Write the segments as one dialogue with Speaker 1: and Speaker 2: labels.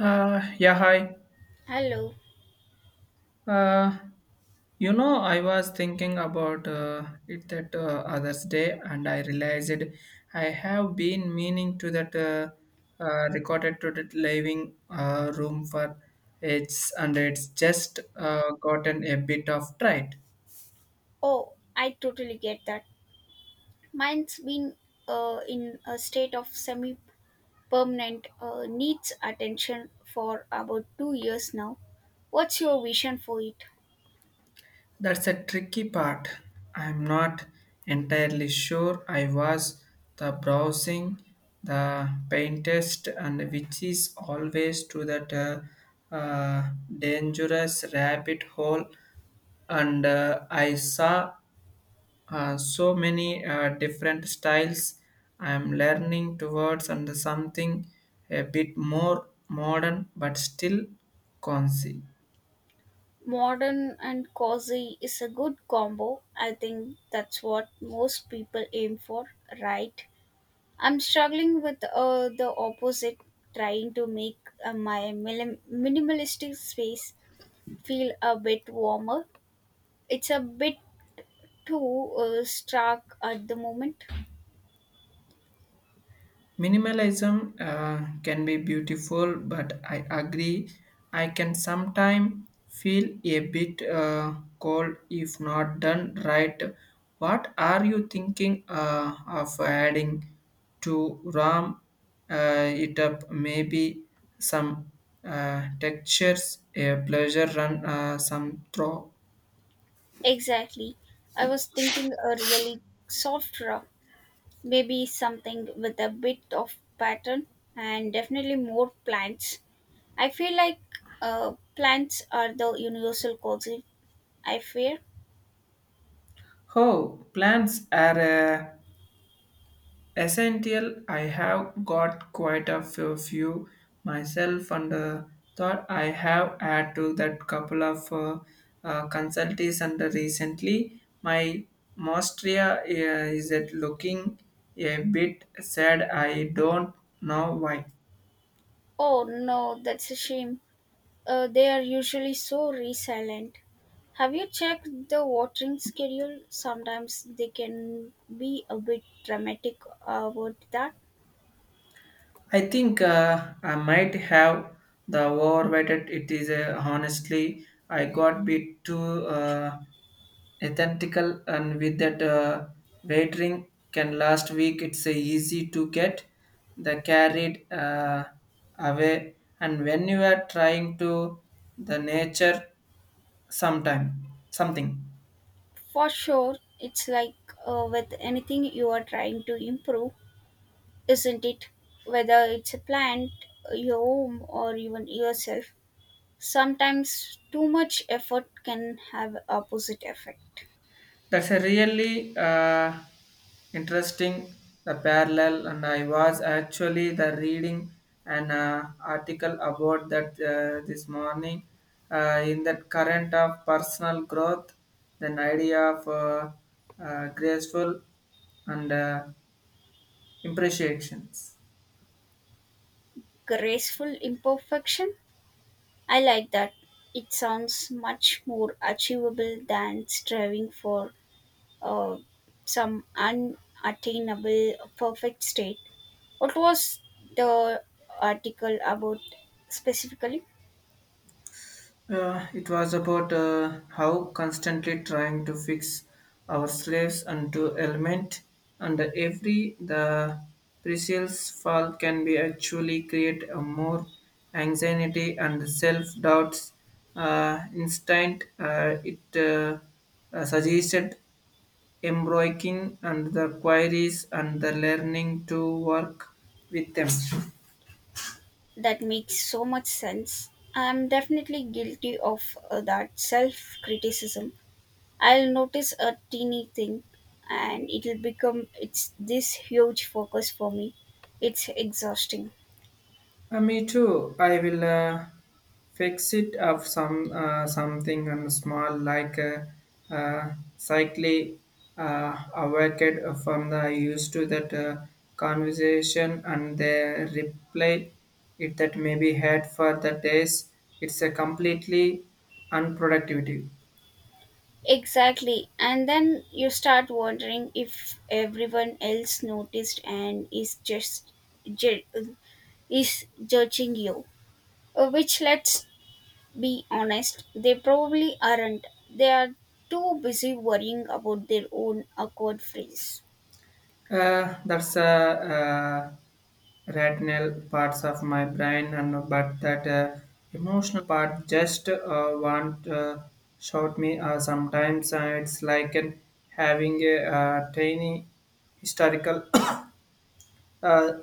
Speaker 1: Yeah, Hi.
Speaker 2: Hello.
Speaker 1: Uh, I was thinking about it that others day, and I realized I have been meaning to that recorded to that living room for it's just gotten a bit of tried.
Speaker 2: Oh, I totally get that. Mine's been in a state of semi permanent needs attention for about 2 years now. What's your vision for it?
Speaker 1: That's a tricky part. I'm not entirely sure I was the browsing, the paintest, and which is always to that dangerous rabbit hole. And I saw so many different styles. I'm learning towards and something a bit more modern, but still concy.
Speaker 2: Modern and cozy is a good combo. I think that's what most people aim for, right? I'm struggling with the opposite, trying to make my minimalistic space feel a bit warmer. It's a bit too stark at the moment.
Speaker 1: Minimalism can be beautiful, but I agree I can sometimes feel a bit cold if not done right. What are you thinking of adding to RAM it up? Maybe some textures, a pleasure run, some throw.
Speaker 2: Exactly. I was thinking a really soft rock, maybe something with a bit of pattern and definitely more plants. I feel like plants are the universal cause, I fear.
Speaker 1: Oh, plants are. Essential, I have got quite a few myself, and thought I have had to that couple of consultees. And recently, my mostria is it looking a bit sad. I don't know why.
Speaker 2: Oh no, that's a shame. They are usually so resilient. Have you checked the watering schedule? Sometimes they can be a bit dramatic about that.
Speaker 1: I think I might have the overweighted. It is honestly, I got bit too. Authentical and with that waiting can last week it's easy to get the carried away and when you are trying to the nature sometime something.
Speaker 2: For sure, it's like with anything you are trying to improve, isn't it? Whether it's a plant, your home, or even yourself, sometimes too much effort can have opposite effect.
Speaker 1: That's a really interesting the parallel, and I was actually the reading an article about that this morning in that current of personal growth, then idea of graceful and impreciations.
Speaker 2: Graceful imperfection? I like that. It sounds much more achievable than striving for uh, some unattainable perfect state. What was the article about specifically
Speaker 1: It was about how constantly trying to fix our slaves unto element and every the precise fall can be actually create a more anxiety and self doubts instant it suggested embroiking and the queries and the learning to work with them.
Speaker 2: that makes so much sense? I'm definitely guilty of that self criticism. I'll notice a teeny thing and it'll become it's this huge focus for me. It's exhausting.
Speaker 1: Me too. I will fix it of some something and small like a cycle awaked from the used to that conversation and the reply it that may be had for the days. It's a completely unproductivity.
Speaker 2: Exactly. And then you start wondering if everyone else noticed and is just ju- is judging you. Which let's be honest, they probably aren't. They are too busy worrying about their own awkward phrase.
Speaker 1: That's a retinal parts of my brain, and but that emotional part just want shout me. Sometimes it's like an, having a tiny historical uh,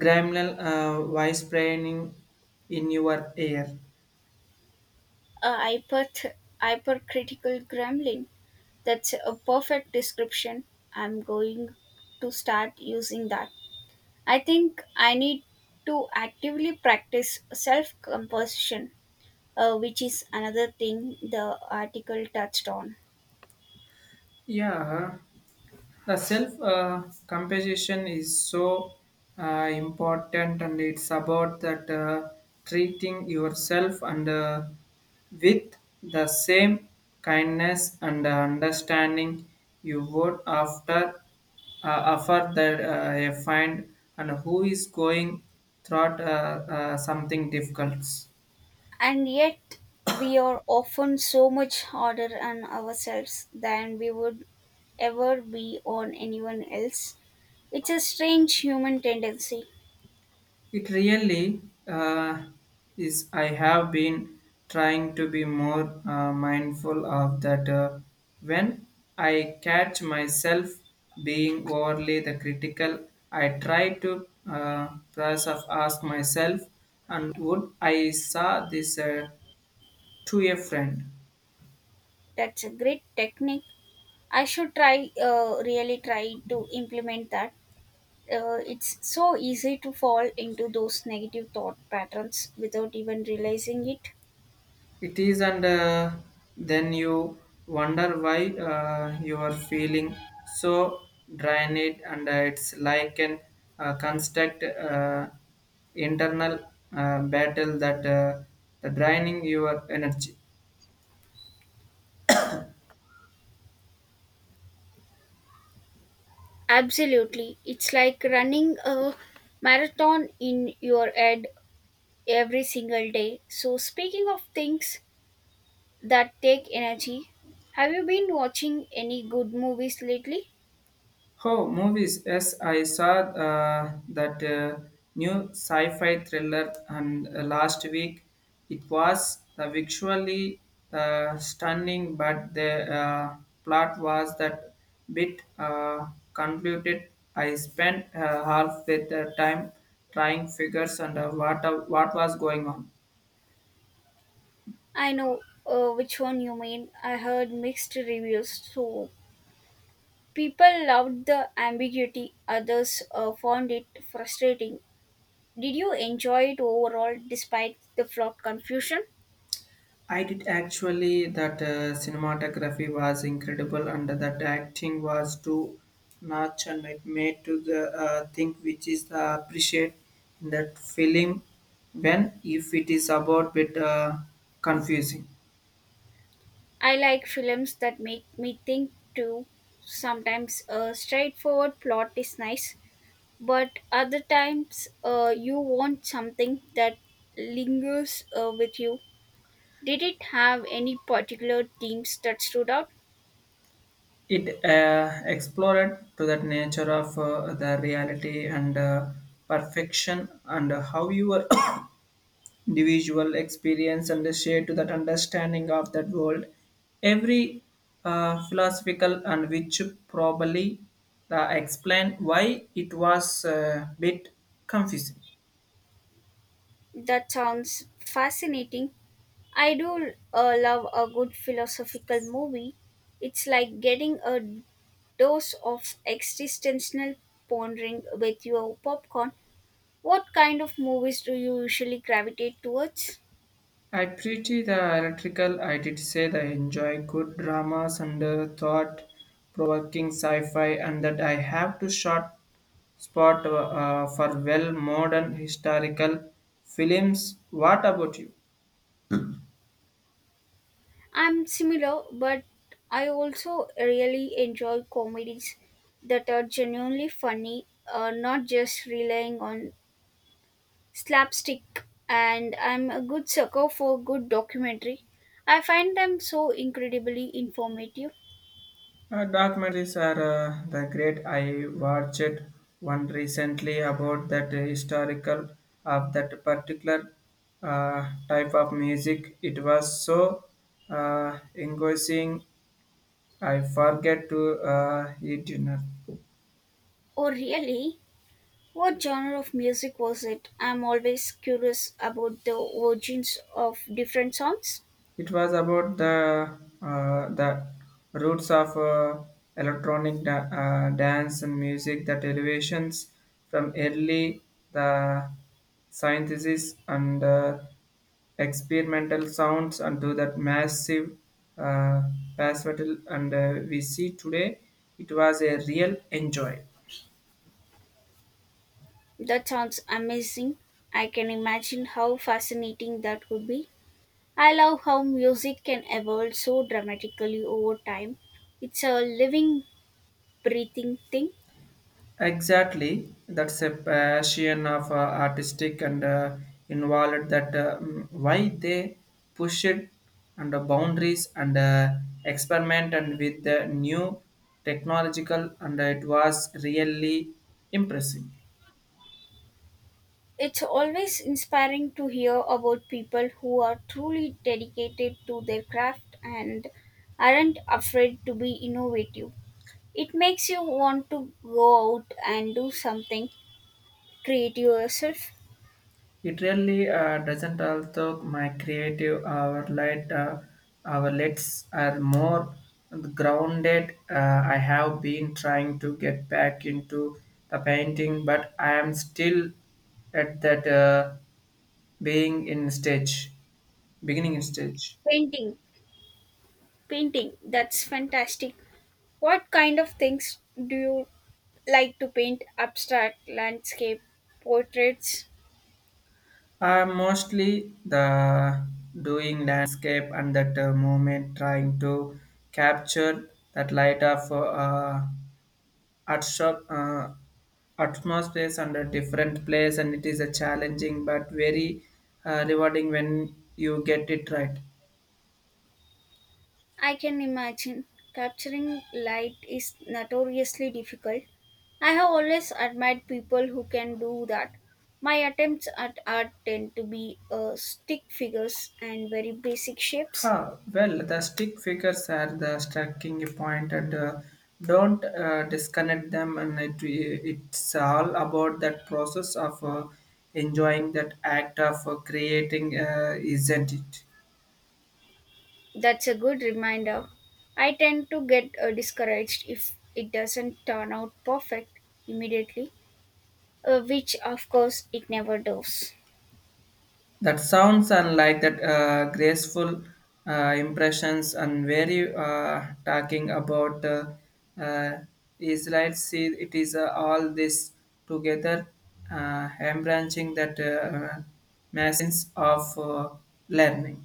Speaker 1: gremlin voice braining in your ear.
Speaker 2: A hypercritical gremlin. That's a perfect description. I'm going to start using that. I think I need to actively practice self composition, which is another thing the article touched on.
Speaker 1: Yeah. The self compassion is so important, and it's about that treating yourself and with the same kindness and understanding you would after offer that a find and who is going through something difficult.
Speaker 2: And yet, we are often so much harder on ourselves than we would ever be on anyone else. It's a strange human tendency.
Speaker 1: It really uh, is. I have been trying to be more mindful of that when I catch myself being overly the critical. I try to process of ask myself, and would I saw this to a friend?
Speaker 2: That's a great technique. I should try, really try to implement that. It's so easy to fall into those negative thought patterns without even realizing it.
Speaker 1: It is, and then you wonder why you are feeling so drained, and it's like an construct internal battle that the draining your energy.
Speaker 2: Absolutely. It's like running a marathon in your head every single day. So, speaking of things that take energy, have you been watching any good movies lately?
Speaker 1: Oh, movies. Yes, I saw that new sci-fi thriller and last week it was the visually stunning, but the plot was that bit convoluted. I spent half with the time trying figures and what was going on.
Speaker 2: I know which one you mean. I heard mixed reviews. So, people loved the ambiguity, others found it frustrating. Did you enjoy it overall despite the plot confusion?
Speaker 1: I did actually that cinematography was incredible and that acting was too much and it made to the thing which is the appreciate in that film when if it is about bit confusing.
Speaker 2: I like films that make me think too. Sometimes a straightforward plot is nice, but other times you want something that lingers with you. Did it have any particular themes that stood out?
Speaker 1: It explored to that nature of the reality and perfection and how you are individual experience and the share to that understanding of that world. Every philosophical and which probably explain why it was a bit confusing.
Speaker 2: That sounds fascinating. I do love a good philosophical movie. It's like getting a dose of existential pondering with your popcorn. What kind of movies do you usually gravitate towards?
Speaker 1: I pretty the electrical. I did say that I enjoy good dramas and thought-provoking sci-fi, and that I have to short spot for well modern historical films. What about you?
Speaker 2: I'm similar, but I also really enjoy comedies that are genuinely funny, not just relying on slapstick. And I'm a good sucker for good documentary. I find them so incredibly informative.
Speaker 1: Documentaries are the great. I watched one recently about that historical of that particular type of music. It was so engrossing. I forget to eat dinner.
Speaker 2: Oh, really? What genre of music was it? I'm always curious about the origins of different songs.
Speaker 1: It was about the roots of electronic dance and music, the derivations from early the synthesis and experimental sounds and to that massive uh, bass metal and we see today. It was a real enjoy.
Speaker 2: That sounds amazing. I can imagine how fascinating that would be. I love how music can evolve so dramatically over time. It's a living, breathing thing.
Speaker 1: Exactly, that's a passion of artistic and involved that why they push it under boundaries and experiment and with the new technological and it was really impressive.
Speaker 2: It's always inspiring to hear about people who are truly dedicated to their craft and aren't afraid to be innovative. It makes you want to go out and do something, treat yourself.
Speaker 1: It really doesn't although my creative our light outlets are more grounded. I have been trying to get back into the painting, but I am still at that being in stage, beginning in stage.
Speaker 2: Painting, painting, that's fantastic. What kind of things do you like to paint? Abstract, landscape, portraits?
Speaker 1: Mostly the doing landscape and that moment trying to capture that light of at shop, atmospheres and a different place and it is a challenging but very rewarding when you get it right.
Speaker 2: I can imagine capturing light is notoriously difficult. I have always admired people who can do that. My attempts at art tend to be stick figures and very basic
Speaker 1: Ha,
Speaker 2: shapes.
Speaker 1: well the stick figures are the striking point and don't disconnect them and it's all about that process of enjoying that act of creating isn't it?
Speaker 2: That's a good reminder. I tend to get discouraged if it doesn't turn out perfect immediately, which of course it never does.
Speaker 1: That sounds unlike that graceful impressions and very talking about uh, Israelites. See, it is all this together, embranching that masses of learning.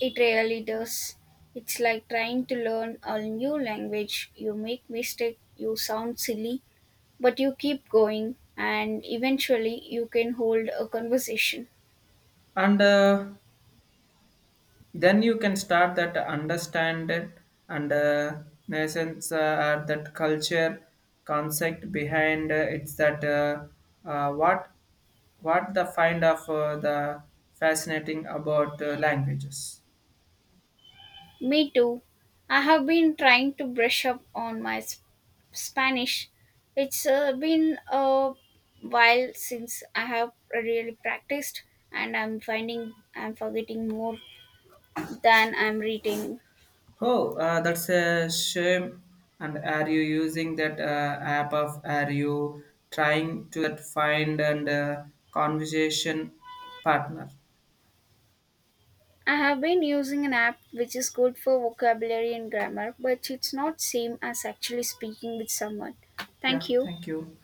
Speaker 2: It really does. It's like trying to learn a new language. You make mistake, you sound silly, but you keep going and eventually you can hold a conversation.
Speaker 1: And then you can start that understand it and nations that culture concept behind it's that uh, what what the find of the fascinating about languages.
Speaker 2: Me too. I have been trying to brush up on my Spanish. It's been a while since I have really practiced, and I'm finding I'm forgetting more than I'm retaining.
Speaker 1: Oh, that's a shame. And are you using that app of are you trying to that find and conversation partner?
Speaker 2: I have been using an app which is good for vocabulary and grammar, but it's not same as actually speaking with someone.
Speaker 1: Yeah,
Speaker 2: Thank you.
Speaker 1: thank you.